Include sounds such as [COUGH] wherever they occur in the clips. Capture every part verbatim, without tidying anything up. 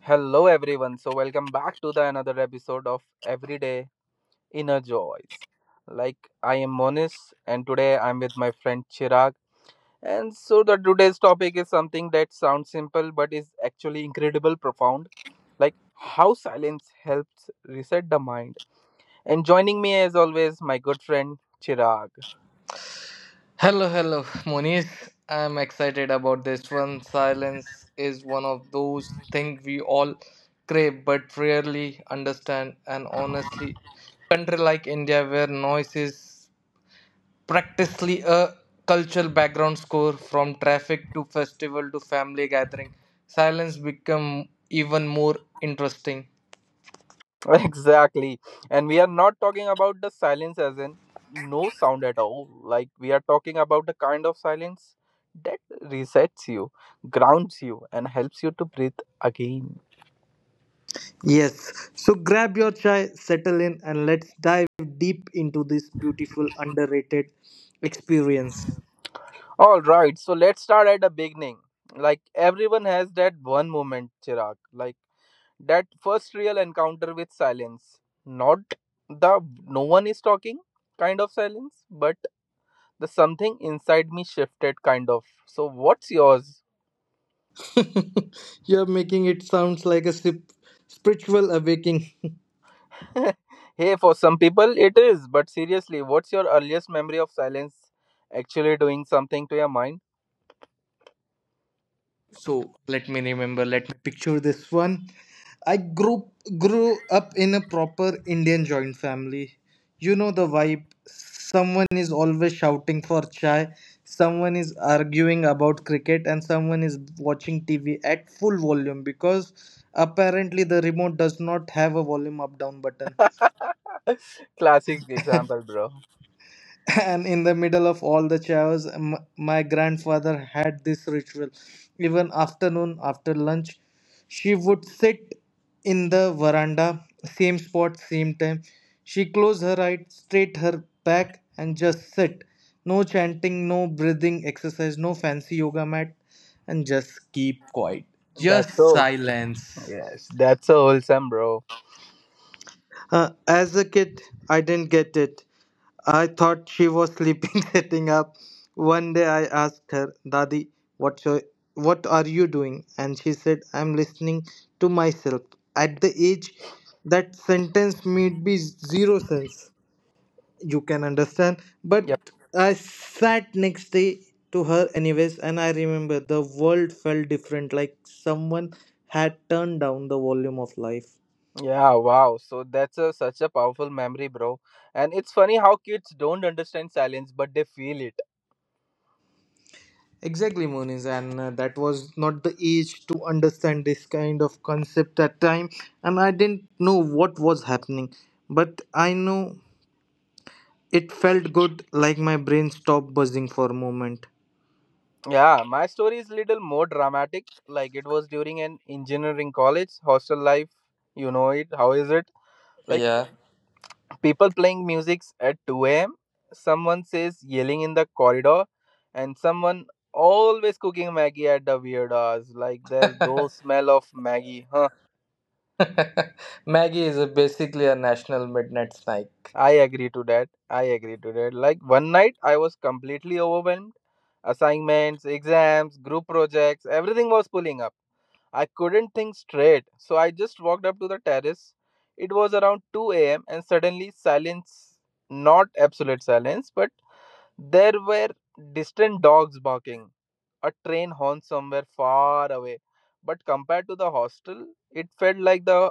Hello everyone. So welcome back to the another episode of Everyday Inner Joys. Like I am Monis and today I'm with my friend Chirag. And so the today's topic is something that sounds simple but is actually incredible profound. Like how silence helps reset the mind. And joining me as always my good friend Chirag. Hello, hello, Moniz. I'm excited about this one. Silence is one of those things we all crave but rarely understand. And honestly, in a country like India where noise is practically a cultural background score from traffic to festival to family gathering, silence become even more interesting. [LAUGHS] Exactly. And we are not talking about the silence as in no sound at all. Like we are talking about the kind of silence that resets you, grounds you, and helps you to breathe again. Yes, so grab your chai, settle in, and let's dive deep into this beautiful, underrated experience. All right, so let's start at the beginning. Like everyone has that one moment, Chirag, like that first real encounter with silence. Not the no one is talking kind of silence, but the something inside me shifted kind of. So, what's yours? [LAUGHS] You're making it sounds like a sip- spiritual awakening. [LAUGHS] [LAUGHS] Hey, for some people it is, but seriously, what's your earliest memory of silence actually doing something to your mind? So let me remember, let me picture this one. I grew grew up in a proper Indian joint family. You know the vibe. Someone is always shouting for chai, someone is arguing about cricket, and someone is watching T V at full volume because apparently the remote does not have a volume up down button. [LAUGHS] Classic [LAUGHS] example, bro. And in the middle of all the chaos, m- my grandfather had this ritual. Even afternoon after lunch, she would sit in the veranda, same spot, same time. She closed her eyes, straight her back, and just sit. No chanting, no breathing exercise, no fancy yoga mat, and just keep quiet, That's just so. silence. Yes, that's so wholesome, bro. Uh, as a kid, I didn't get it. I thought she was sleeping, [LAUGHS] setting up. One day I asked her, Dadi, what, so, what are you doing? And she said, I'm listening to myself. At the age, that sentence made me zero sense. You can understand. But Yep. I sat next day to her, anyways, and I remember the world felt different, like someone had turned down the volume of life. Yeah, wow. So that's a, such a powerful memory, bro. And it's funny how kids don't understand silence, but they feel it. Exactly, Moniz, and uh, that was not the age to understand this kind of concept at time, and I didn't know what was happening, but I know it felt good, like my brain stopped buzzing for a moment. Yeah, my story is little more dramatic. Like it was during an engineering college hostel life. You know it. How is it? Like Yeah. people playing music at two a m. Someone says yelling in the corridor, and someone always cooking Maggie at the weird hours. Like there's those smell of Maggie. Huh. [LAUGHS] Maggie is a basically a national midnight snack. I agree to that. I agree to that. Like one night I was completely overwhelmed. Assignments, exams, group projects, everything was pulling up. I couldn't think straight, so I just walked up to the terrace. It was around two a m, and suddenly silence not absolute silence, but there were distant dogs barking, a train horn somewhere far away. But compared to the hostel, it felt like the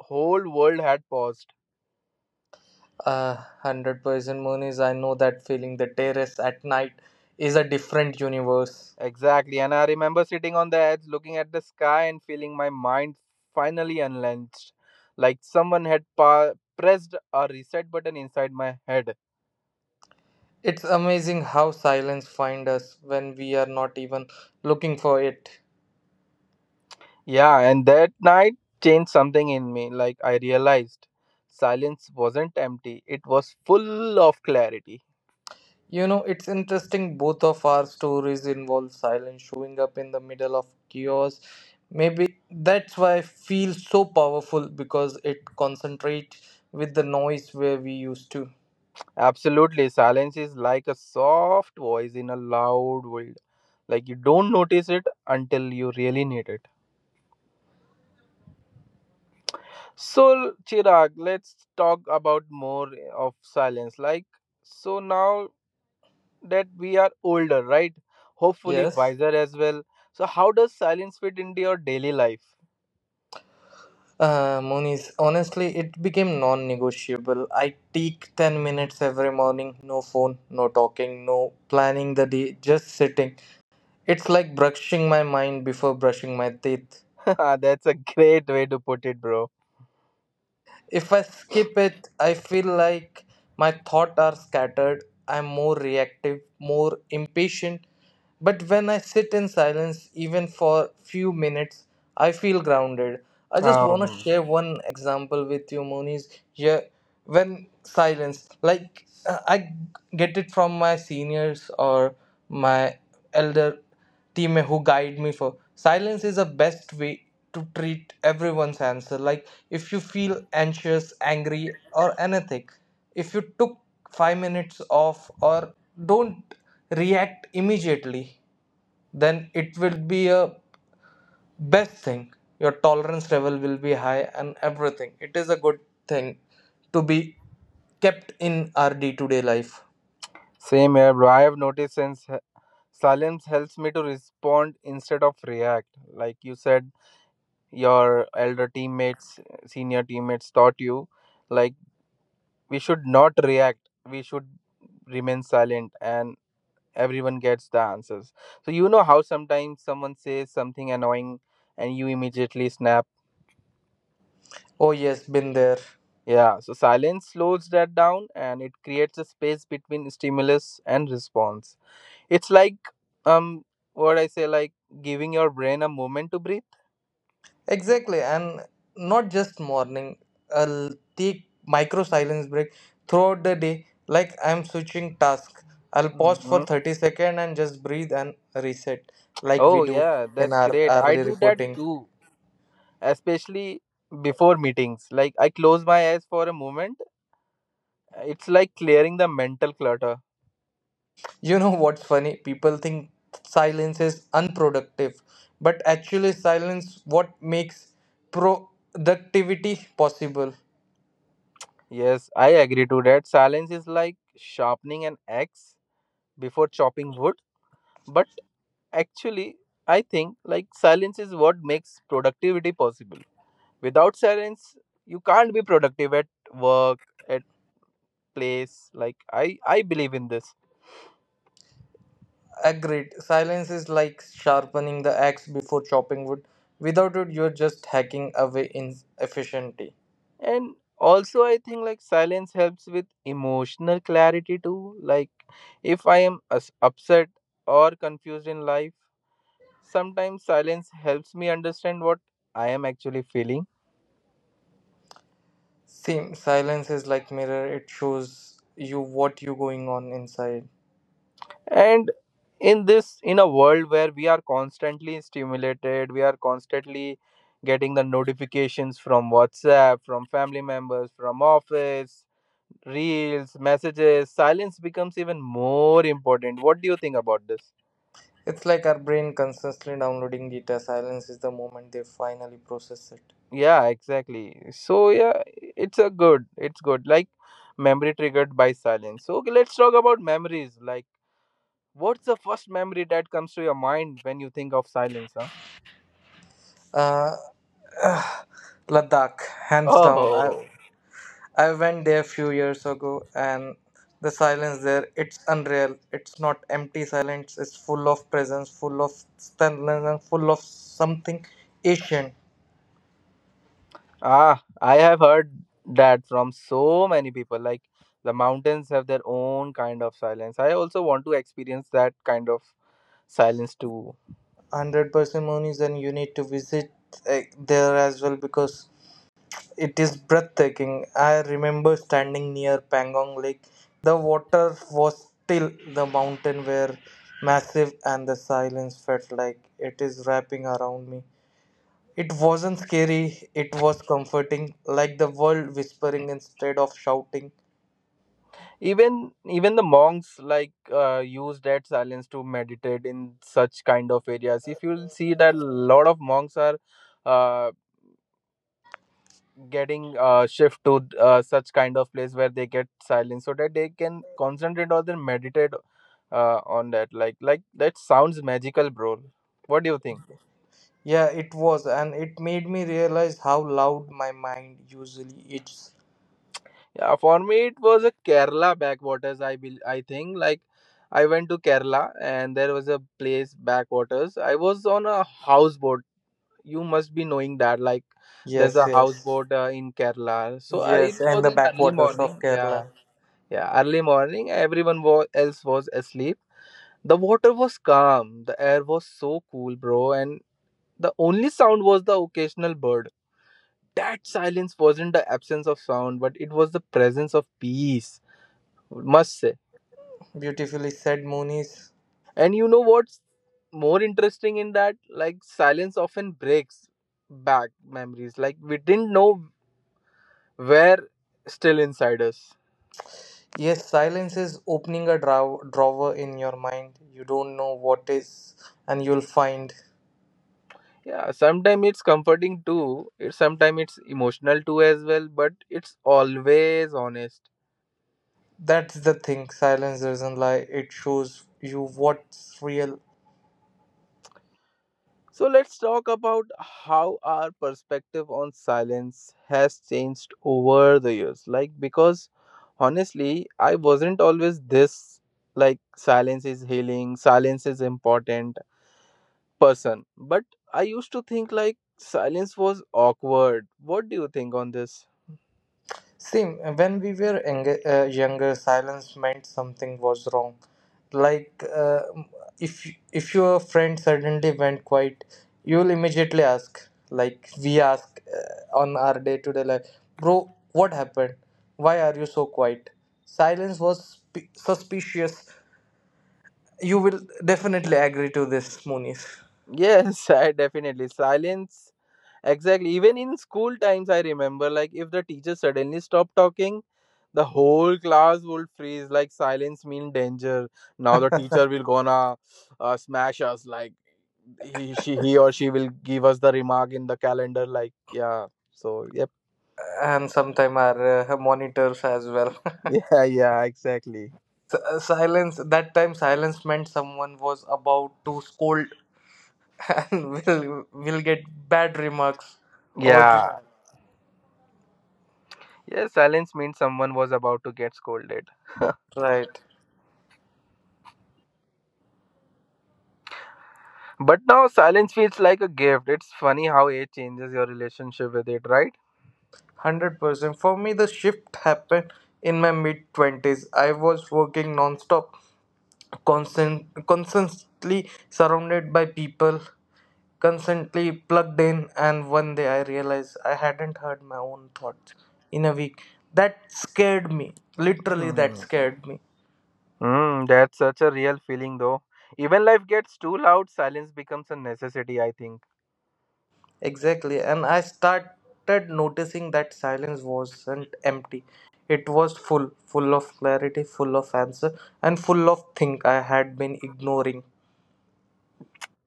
whole world had paused. Uh, one hundred percent moon, I know that feeling. The terrace at night is a different universe. Exactly, and I remember sitting on the edge looking at the sky and feeling my mind finally unleashed, like someone had pa- pressed a reset button inside my head. It's amazing how silence find us when we are not even looking for it. Yeah, and that night changed something in me, like I realized silence wasn't empty, it was full of clarity. You know, it's interesting. Both of our stories involve silence showing up in the middle of chaos. Maybe that's why I feel so powerful because it concentrates with the noise where we used to. Absolutely. Silence is like a soft voice in a loud world. Like you don't notice it until you really need it. So, Chirag, let's talk about more of silence. Like, so now that we are older, right? Hopefully Yes. wiser as well. So, how does silence fit into your daily life? Uh, Moniz, honestly, it became non negotiable. I take 10 minutes every morning, no phone, no talking, no planning the day, just sitting. It's like brushing my mind before brushing my teeth. [LAUGHS] That's a great way to put it, bro. If I skip it, I feel like my thoughts are scattered. I'm more reactive, more impatient. But when I sit in silence, even for few minutes, I feel grounded. I just want to Um, share one example with you, Moniz. Yeah, when silence, like uh, I get it from my seniors or my elder teammate who guide me for silence is the best way to treat everyone's answer. Like, if you feel anxious, angry, or anything, if you took five minutes off or don't react immediately, then it will be a best thing. Your tolerance level will be high and everything. It is a good thing to be kept in our day-to-day life. same here, bro. I have noticed since he- silence helps me to respond instead of react. Like you said, your elder teammates, senior teammates taught you, like we should not react, we should remain silent, and everyone gets the answers. So, you know how sometimes someone says something annoying and you immediately snap. Oh yes, been there. Yeah, so silence slows that down and it creates a space between stimulus and response. It's like, um, what I say, like giving your brain a moment to breathe. Exactly, and not just morning. I'll take micro silence break throughout the day. Like I'm switching task, I'll pause for Hmm. thirty seconds and just breathe and reset, like we Oh, do yeah, in that's our great. I hourly do that reporting. too, especially before meetings. Like I close my eyes for a moment. It's like clearing the mental clutter. You know what's funny? People think silence is unproductive, but actually, silence what makes productivity possible. Yes, I agree to that. Silence is like sharpening an axe before chopping wood. But actually, I think like silence is what makes productivity possible. Without silence, you can't be productive at work, at place. Like I, I believe in this. Agreed. Silence is like sharpening the axe before chopping wood. Without it, you're just hacking away inefficiently. And also, I think like silence helps with emotional clarity too. Like, if I am us- upset or confused in life, sometimes silence helps me understand what I am actually feeling. Same. Silence is like mirror. It shows you what you going on inside. And in this, in a world where we are constantly stimulated, we are constantly getting the notifications from WhatsApp, from family members, from office, reels, messages, silence becomes even more important. What do you think about this? It's like our brain constantly downloading data. Silence is the moment they finally process it. Yeah, exactly. So yeah, it's a good. It's good. Like memory triggered by silence. So okay, let's talk about memories. Like what's the first memory that comes to your mind when you think of silence, huh? Uh, Ladakh, hands down. I Oh. I went there a few years ago and the silence there, it's unreal. It's not empty silence, it's full of presence, full of stillness, and full of something ancient. Ah, I have heard that from so many people. Like the mountains have their own kind of silence. I also want to experience that kind of silence too. one hundred persimmonies, and you need to visit uh, there as well because it is breathtaking. I remember standing near Pangong Lake. The water was still, the mountain were massive, and the silence felt like it is wrapping around me. It wasn't scary, it was comforting, like the world whispering instead of shouting. even even the monks, like, uh, use that silence to meditate in such kind of areas. If you'll see that a lot of monks are uh, getting uh, shift to uh, such kind of place where they get silence so that they can concentrate or then meditate uh, on that. Like like that sounds magical, bro. What do you think? Yeah, it was, and it made me realize how loud my mind usually is. Yeah, for me it was a Kerala backwaters. i bel I think, like, I went to Kerala and there was a place backwaters. I was on a houseboat, you must be knowing that, like there's Yes, a yes. houseboat uh, in Kerala. So, uh, it Yes, and was the an early backwaters of morning. Kerala. Yeah, yeah, early morning. Everyone was else was asleep. The water was calm. The air was so cool, bro. And the only sound was the occasional bird. That silence wasn't the absence of sound, but it was the presence of peace. Must say. Beautifully said, Moonies. And you know what's more interesting in that? Like silence often breaks back memories. Like we didn't know were still inside us. Yes, silence is opening a draw- drawer in your mind. You don't know what is, and you'll find. Yeah, sometimes it's comforting too. It Sometimes it's emotional too as well, but it's always honest. That's the thing. Silence doesn't lie. It shows you what's real. So let's talk about how our perspective on silence has changed over the years. Like because honestly, I wasn't always this like silence is healing, silence is important person. But I used to think like silence was awkward. What do you think on this? Same, uh, when we were younger, uh, younger, silence meant something was wrong. Like, uh, if if your friend suddenly went quiet, you'll immediately ask, like we ask uh, on our day-to-day life, bro, what happened? Why are you so quiet? Silence was sp- suspicious. You will definitely agree to this, Munis, Yes, [LAUGHS] I definitely. Silence. Exactly. Even in school times, I remember like if the teacher suddenly stopped talking, the whole class would freeze. Like silence mean danger. Now the teacher will gonna uh, smash us. Like he, she, he or she will give us the remark in the calendar. Like yeah. So yep. and sometime our uh, monitors as well. [LAUGHS] [LAUGHS] Yeah. Yeah. Exactly. S- uh, silence that time, silence meant someone was about to scold. [LAUGHS] And will will get bad remarks over to Yeah. that, Yeah, silence means someone was about to get scolded. right? But now silence feels like a gift. It's funny how it changes your relationship with it, right? one hundred percent for me, the shift happened in my mid twenties. I was working non-stop, constant constantly surrounded by people, constantly plugged in. And one day, I realized I hadn't heard my own thoughts in a week. That scared me. Literally, that Hmm. scared me. Mm, that's such a real feeling, though. Even life gets too loud, silence becomes a necessity, I think. Exactly, and I started noticing that silence wasn't empty. It was full, full of clarity, full of answer, and full of things I had been ignoring.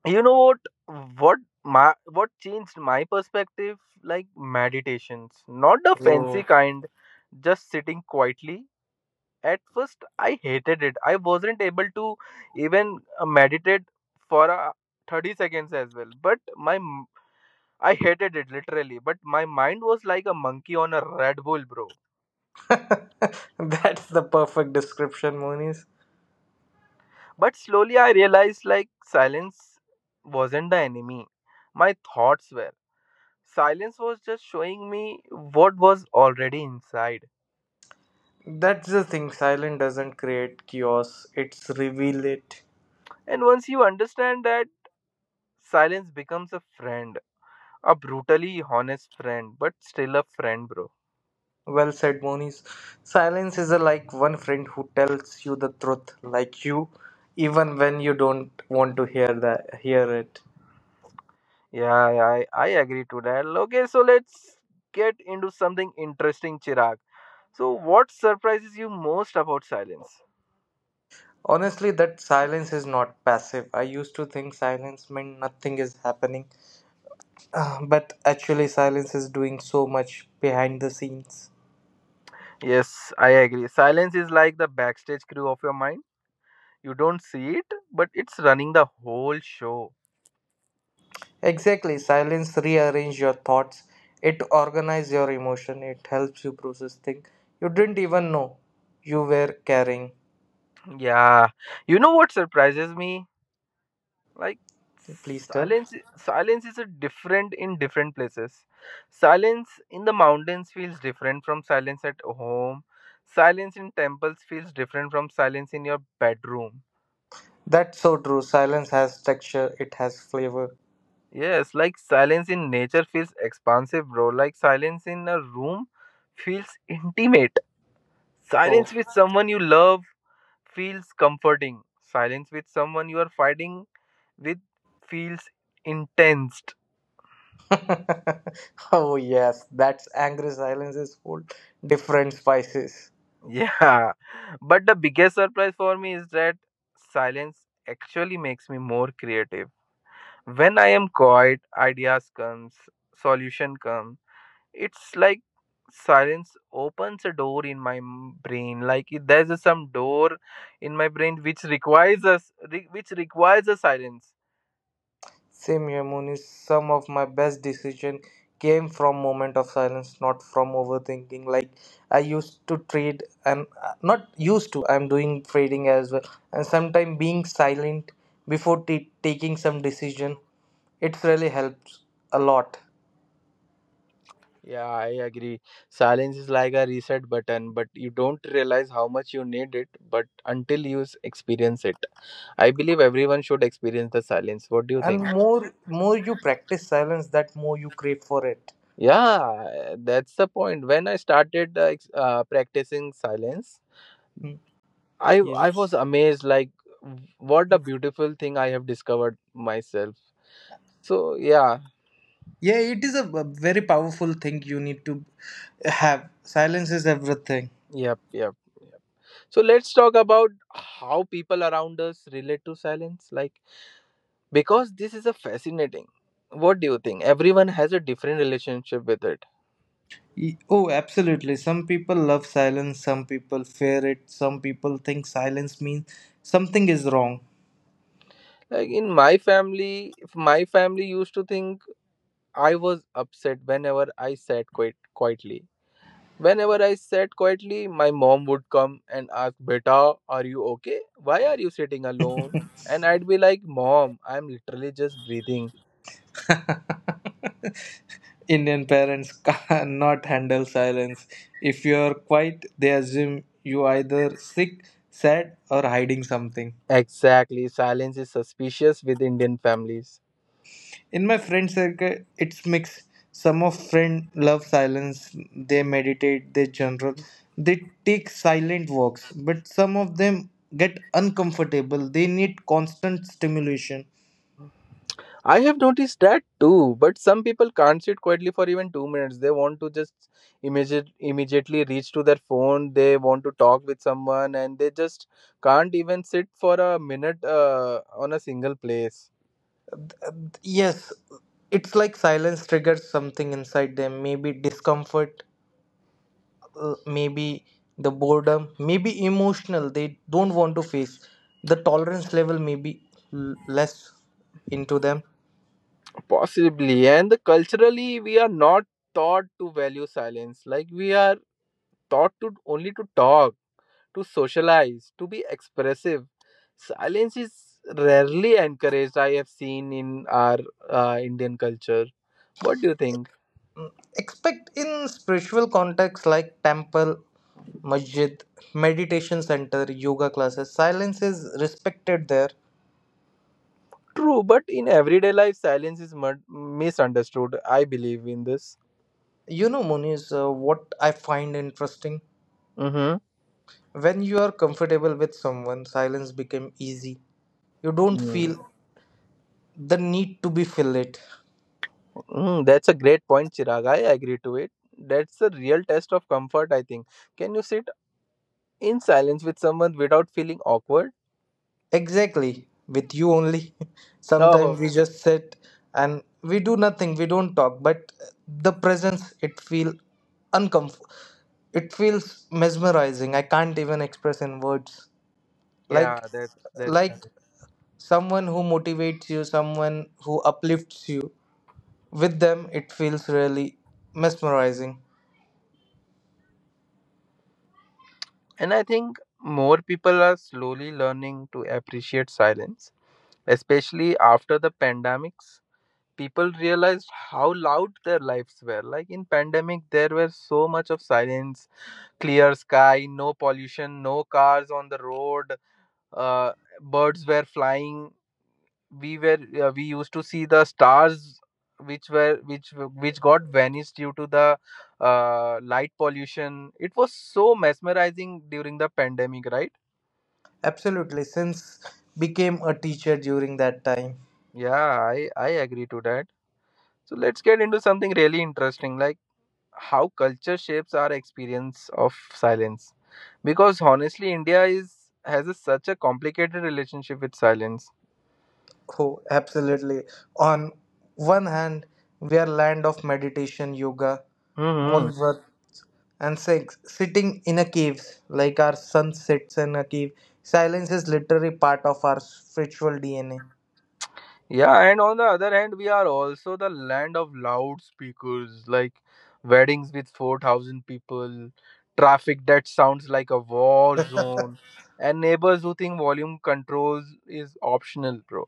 You know what? What my What changed my perspective? Like meditations, not the fancy Oh. kind, just sitting quietly. At first, I hated it. I wasn't able to even uh, meditate for uh, 30 seconds as well. But my m- I hated it literally. But my mind was like a monkey on a Red Bull, bro. [LAUGHS] That's the perfect description, Monis. But slowly I realized like silence wasn't the enemy. My thoughts were. Silence was just showing me what was already inside. That's the thing, silence doesn't create chaos, it's reveal it. And once you understand that, silence becomes a friend. A brutally honest friend, but still a friend, bro. Well said, Monis. Silence is a, like one friend who tells you the truth, like you, even when you don't want to hear that, hear it. Yeah, I, I agree to that. Okay, so let's get into something interesting, Chirag. So, what surprises you most about silence? Honestly, that silence is not passive. I used to think silence meant nothing is happening, Uh, but actually, silence is doing so much behind the scenes. Yes, I agree. Silence is like the backstage crew of your mind. You don't see it, but it's running the whole show. Exactly, silence rearranges your thoughts, it organizes your emotion, it helps you process things you didn't even know you were carrying. Yeah. You know what surprises me? Like Please tell. silence silence is a different in different places. Silence in the mountains feels different from silence at home. Silence in temples feels different from silence in your bedroom. That's so true. Silence has texture, it has flavor. Yes, like silence in nature feels expansive, bro. Like silence in a room feels intimate. Oh. Silence with someone you love feels comforting. Silence with someone you are fighting with feels intense. [LAUGHS] Oh yes, that's angry silence is full different spices. [LAUGHS] Yeah. But the biggest surprise for me is that silence actually makes me more creative. When I am quiet, ideas comes, solution come. It's like silence opens a door in my m- brain, like it- there's a some door in my brain which requires us re- which requires a silence. Same here, Munish. Some of my best decision came from moment of silence, not from overthinking. Like I used to trade. I'm uh, not used to. I'm doing trading as well, and sometimes being silent before t- taking some decision, it really helps a lot. Yeah, I agree. Silence is like a reset button, but you don't realize how much you need it, but until you s- experience it. I believe everyone should experience the silence. What do you And think? more more you practice silence, that more you crave for it. Yeah, that's the point. When I started uh, ex- uh, practicing silence, Hmm, I I yes. was amazed, like w- what a beautiful thing I have discovered myself. So, yeah. Yeah, it is a a very powerful thing you need to have. Silence is everything. Yep, yep. Yep. So let's talk about how people around us relate to silence. Like because this is a fascinating what do you think everyone has a different relationship with it. Y- Oh, absolutely. Some people love silence, some people fear it, some people think silence means something is wrong. Like in my family if my family used to think I was upset whenever I sat quite quietly. Whenever I sat quietly, my mom would come and ask, beta, are you okay? Why are you sitting alone? And I'd be like, mom, I'm literally just breathing. [LAUGHS] Indian parents cannot handle silence. If you're quiet, they assume you either sick, sad, or hiding something. Exactly, silence is suspicious with Indian families. In my friend circle, it's mixed. Some of friend love silence. They meditate. They journal. They take silent walks. But some of them get uncomfortable. They need constant stimulation. I have noticed that too, but some people can't sit quietly for even two minutes. They want to just immediate, immediately reach to their phone. They want to talk with someone, and they just can't even sit for a minute uh, on a single place. Yes, it's like silence triggers something inside them. Maybe discomfort. uh, Maybe the boredom. Maybe emotional. They don't want to face. The tolerance level may be l- less into them, Possibly, and the culturally, we are not taught to value silence. Like we are taught to only to talk, to socialize, to be expressive. Silence is rarely encouraged, I have seen in our uh, Indian culture. What do you think? expect in spiritual contexts like temple, masjid, meditation center, yoga classes, silence is respected there. True, but in everyday life, silence is mud- misunderstood. I believe in this. You know muniz uh, what I find interesting, Mm-hmm. when you are comfortable with someone, silence become easy. You don't feel the need to be filled. Mm, that's a great point, Chirag. I agree to it. That's a real test of comfort, I think. Can you sit in silence with someone without feeling awkward? Exactly, with you only. [LAUGHS] Sometimes Oh, we just sit and we do nothing, we don't talk, but the presence it feel uncomfortable. It feels mesmerizing. I can't even express in words. yeah, Like that's that's like correct. someone who motivates you, someone who uplifts you. With them it feels really mesmerizing. And I think more people are slowly learning to appreciate silence, especially after the pandemics. People realized how loud their lives were. Like in pandemic, there were so much of silence, clear sky, no pollution, no cars on the road, uh, birds were flying. We were uh, we used to see the stars, which were which which got vanished due to the uh, light pollution. It was so mesmerizing during the pandemic, right? Absolutely, since became a teacher during that time. Yeah, I, I agree to that. So let's get into something really interesting, like how culture shapes our experience of silence. Because honestly, India is has a, such a complicated relationship with silence. Oh, absolutely. On one hand, we are land of meditation, yoga, Hmm. moon work, and sex. Sitting in a cave, like our sun sits in a cave, silence is literally part of our spiritual D N A. Yeah, and on the other hand, we are also the land of loudspeakers, like weddings with four thousand people, traffic that sounds like a war zone, and neighbors who think volume controls is optional, bro.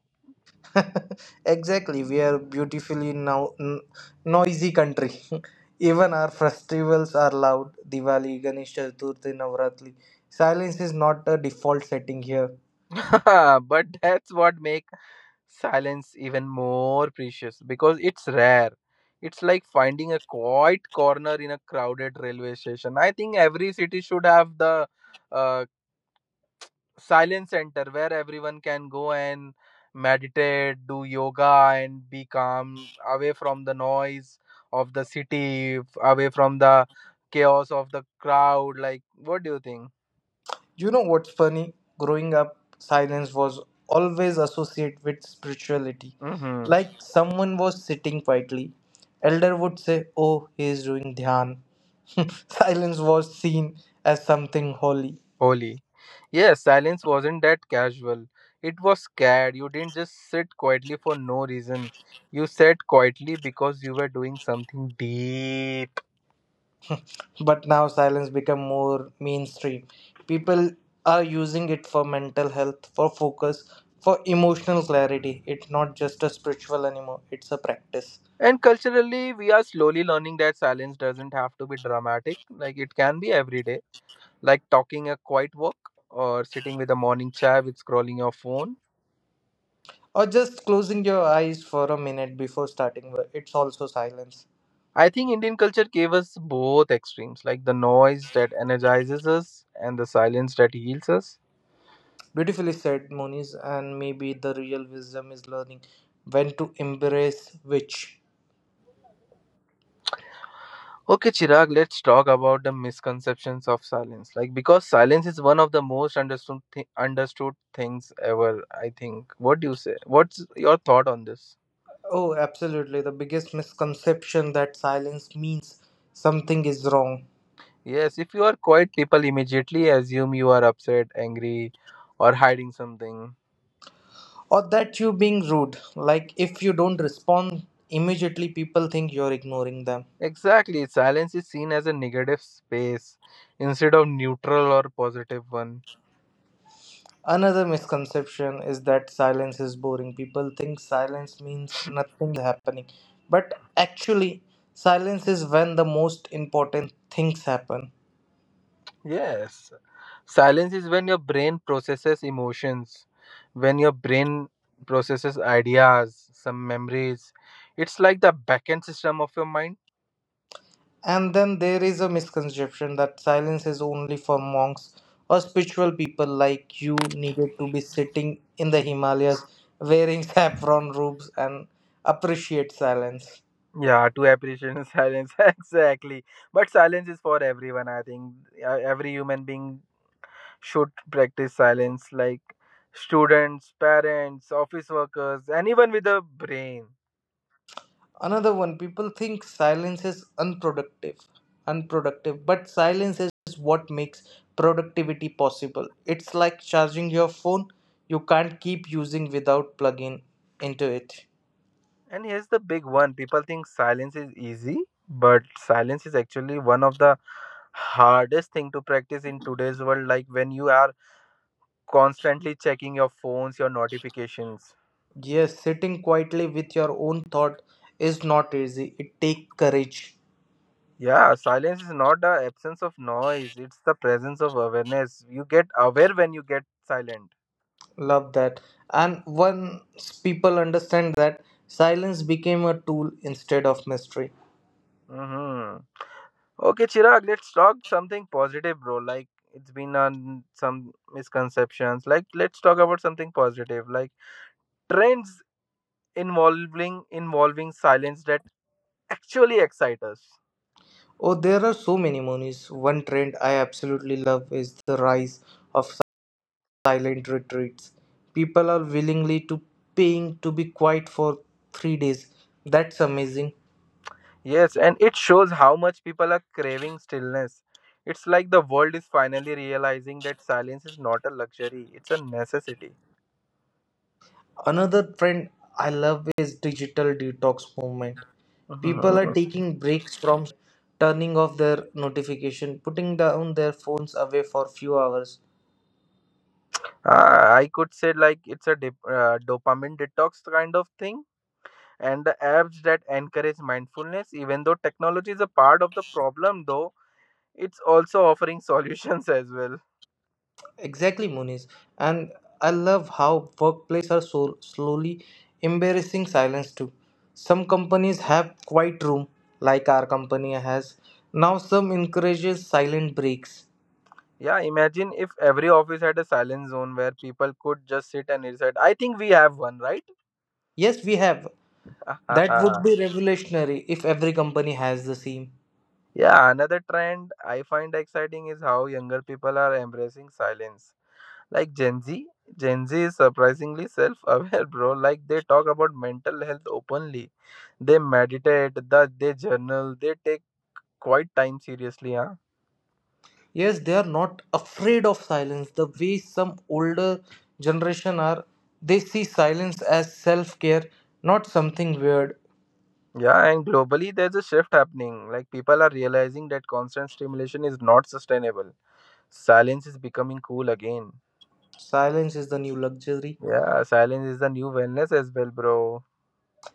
[LAUGHS] Exactly, we are beautifully now n- noisy country. [LAUGHS] Even our festivals are loud. Diwali, Ganesh Chaturthi, Navratri. Silence is not a default setting here. [LAUGHS] But that's what make silence even more precious because it's rare. It's like finding a quiet corner in a crowded railway station. I think every city should have the uh, silence center where everyone can go and meditate, do yoga, and be calm away from the noise of the city, away from the chaos of the crowd. Like, what do you think? You know what's funny? Growing up, silence was always associated with spirituality. Mm-hmm. Like someone was sitting quietly. Elder would say, Oh, he is doing dhyan. [LAUGHS] Silence was seen as something holy. Holy. Yes, silence wasn't that casual. It was scared. You didn't just sit quietly for no reason. You sat quietly because you were doing something deep. But now silence become more mainstream. People are using it for mental health, for focus, for emotional clarity. It's not just a spiritual anymore, it's a practice. And culturally, we are slowly learning that silence doesn't have to be dramatic. Like, it can be everyday, like talking a quiet walk or sitting with a morning chai with scrolling your phone. Or just closing your eyes for a minute before starting work. It's also silence. I think Indian culture gave us both extremes, like the noise that energizes us and the silence that heals us. Beautifully said, Moniz, and maybe the real wisdom is learning when to embrace which. Okay, Chirag, let's talk about the misconceptions of silence. Like, because silence is one of the most understood th- understood things ever, I think. What do you say? What's your thought on this? Oh, absolutely. The biggest misconception that silence means something is wrong Yes, if you are quiet, people immediately assume you are upset, angry, or hiding something. or that you being rude. Like if you don't respond immediately, people think you're ignoring them. Exactly, silence is seen as a negative space instead of neutral or positive one. Another misconception is that silence is boring. People think silence means nothing is happening. But actually, silence is when the most important things happen. Yes. Silence is when your brain processes emotions, when your brain processes ideas, some memories. It's like the backend system of your mind. And then there is a misconception that silence is only for monks or spiritual people like you needed to be sitting in the Himalayas wearing [LAUGHS] saffron robes and appreciate silence. Yeah, to appreciate [LAUGHS] silence. [LAUGHS] Exactly. But silence is for everyone, I think. Uh, Every human being should practice silence, like students, parents, office workers, anyone with a brain. Another one, people think silence is unproductive. Unproductive, but silence is what makes productivity possible. It's like charging your phone, you can't keep using without plugging into it. And here's the big one, people think silence is easy, but silence is actually one of the hardest thing to practice in today's world, like when you are constantly checking your phones, your notifications. Yes, sitting quietly with your own thought is not easy. It takes courage. Yeah, silence is not the absence of noise, it's the presence of awareness. You get aware when you get silent. Love that. And once people understand that, silence became a tool instead of mystery. Mm-hmm. Okay, Chirag, let's talk something positive, bro. Like, it's been on some misconceptions, like let's talk about something positive, like trends involving involving silence that actually excite us. Oh, there are so many monies. One trend I absolutely love is the rise of silent retreats. People are willingly to paying to be quiet for three days. That's amazing. Yes, and it shows how much people are craving stillness. It's like the world is finally realizing that silence is not a luxury; it's a necessity. Another trend I love is digital detox movement. People are Mhm. taking breaks from turning off their notification, putting down their phones away for few hours. Uh, I could say like it's a dip, uh, dopamine detox kind of thing, and the apps that encourage mindfulness. Even though technology is a part of the problem, though it's also offering [LAUGHS] solutions as well. Exactly, Muniz. And I love how workplaces are so slowly embarrassing silence too. Some companies have quiet room, like our company has. Now some encourages silent breaks. Yeah, imagine if every office had a silent zone where people could just sit and recite. I think we have one, right? Yes, we have. That would [LAUGHS] be revolutionary if every company has the same. Yeah, another trend I find exciting is how younger people are embracing silence. Like Gen Z, Gen Z is surprisingly self aware, [LAUGHS] bro. Like they talk about mental health openly, they meditate, the, they journal, they take quiet time seriously, huh? Yes, they are not afraid of silence the way some older generation are. They see silence as self-care, not something weird. Yeah, and globally, there's a shift happening. Like people are realizing that constant stimulation is not sustainable. Silence is becoming cool again. Silence is the new luxury. Yeah, silence is the new wellness as well, bro.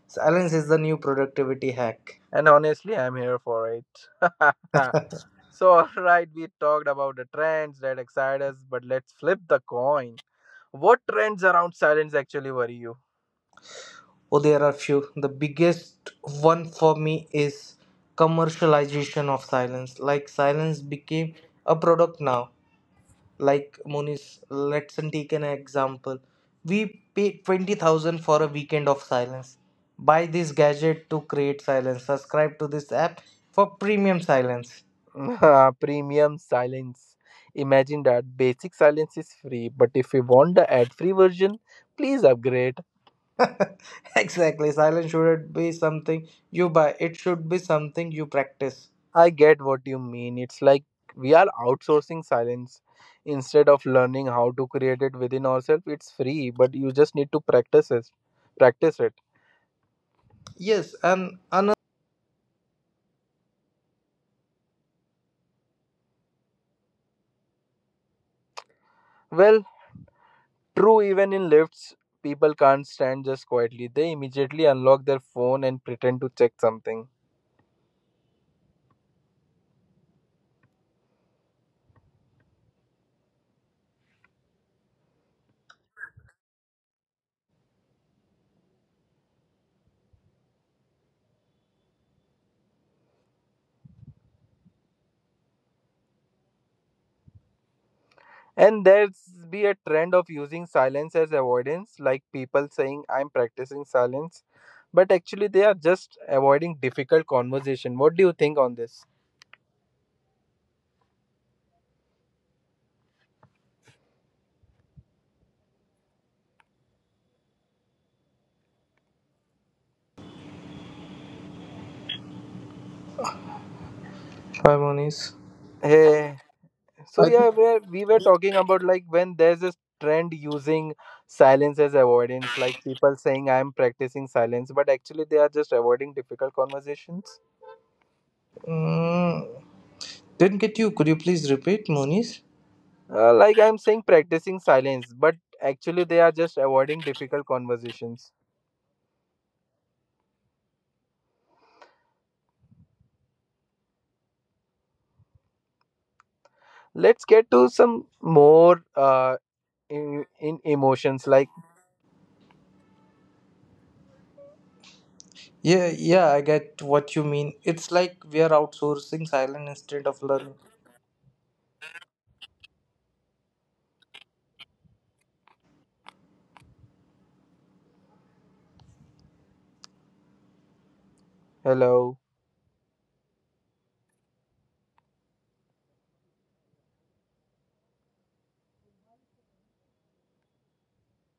Silence is the new productivity hack. And honestly, I'm here for it. [LAUGHS] So, alright, we talked about the trends that excite us, but let's flip the coin. What trends around silence actually worry you? Oh, there are few. The biggest one for me is commercialization of silence. Like silence became a product now. Like Monis, let's take an example. We pay twenty thousand for a weekend of silence. Buy this gadget to create silence. Subscribe to this app for premium silence. [LAUGHS] Premium silence. Imagine that basic silence is free, but if you want the ad free version, please upgrade. [LAUGHS] Exactly, silence shouldn't be something you buy. It should be something you practice. I get what you mean. It's like we are outsourcing silence instead of learning how to create it within ourselves. It's free, but you just need to practice it. Practice it. Yes, and an Well, true, even in lifts, people can't stand just quietly. They immediately unlock their phone and pretend to check something. And there's be a trend of using silence as avoidance, like people saying, I'm practicing silence, but actually they are just avoiding difficult conversation. What do you think on this? Hi, Moniz. Hey, so I th- yeah, where we were talking about like when there's this trend using silence as avoidance, like people saying I'm practicing silence, but actually they are just avoiding difficult conversations. mm, didn't get you. Could you please repeat, Moniz? Uh, like I'm saying practicing silence, but actually they are just avoiding difficult conversations. Let's get to some more uh, in, in emotions like Yeah, yeah, I get what you mean. It's like we are outsourcing silence instead of learning. hello.